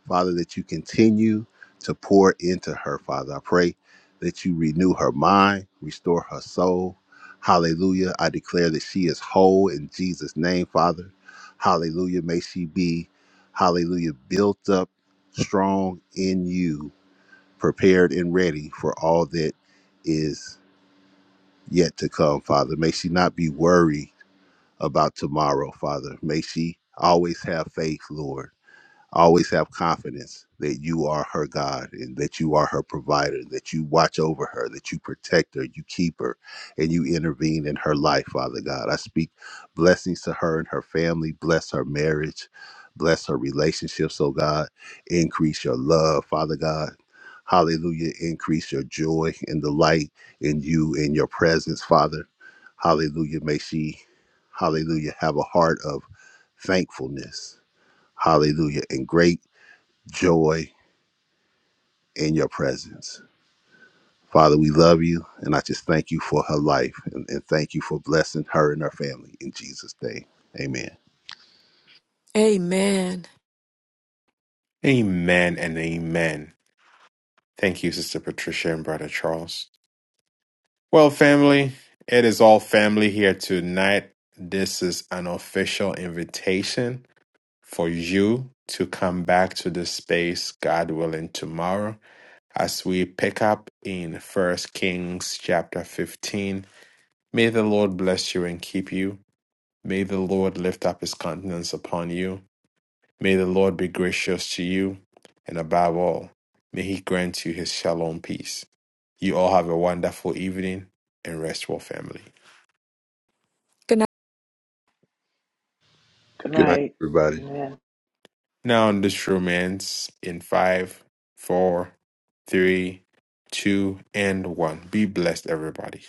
Father, that you continue to pour into her, Father. I pray that you renew her mind, restore her soul. Hallelujah. I declare that she is whole in Jesus' name, Father. Hallelujah. May she be, hallelujah, built up, strong in you, prepared and ready for all that is yet to come, Father. May she not be worried about tomorrow, Father. May she always have faith, Lord always have confidence that you are her God and that you are her provider, that you watch over her, that you protect her, you keep her, and you intervene in her life, Father God. I speak blessings to her and her family. Bless her marriage. Bless her relationships, oh God. Increase your love, Father God. Hallelujah. Increase your joy and the light in you in your presence, Father. Hallelujah. May she, hallelujah, have a heart of thankfulness Hallelujah. And great joy in your presence. Father, we love you. And I just thank you for her life and, and thank you for blessing her and her family in Jesus' name. Amen.
Amen.
Amen and amen. Thank you, Sister Patricia and Brother Charles. Well, family, it is all family here tonight. This is an official invitation for you to come back to this space, God willing, tomorrow as we pick up in First Kings chapter 15 May the Lord bless you and keep you. May the Lord lift up his countenance upon you. May the Lord be gracious to you. And above all, may he grant you his shalom peace. You all have a wonderful evening and restful family.
Good
Good
Good night,
night.
everybody.
Amen.
Now, in this romance, in five, four, three, two, and one, be blessed, everybody.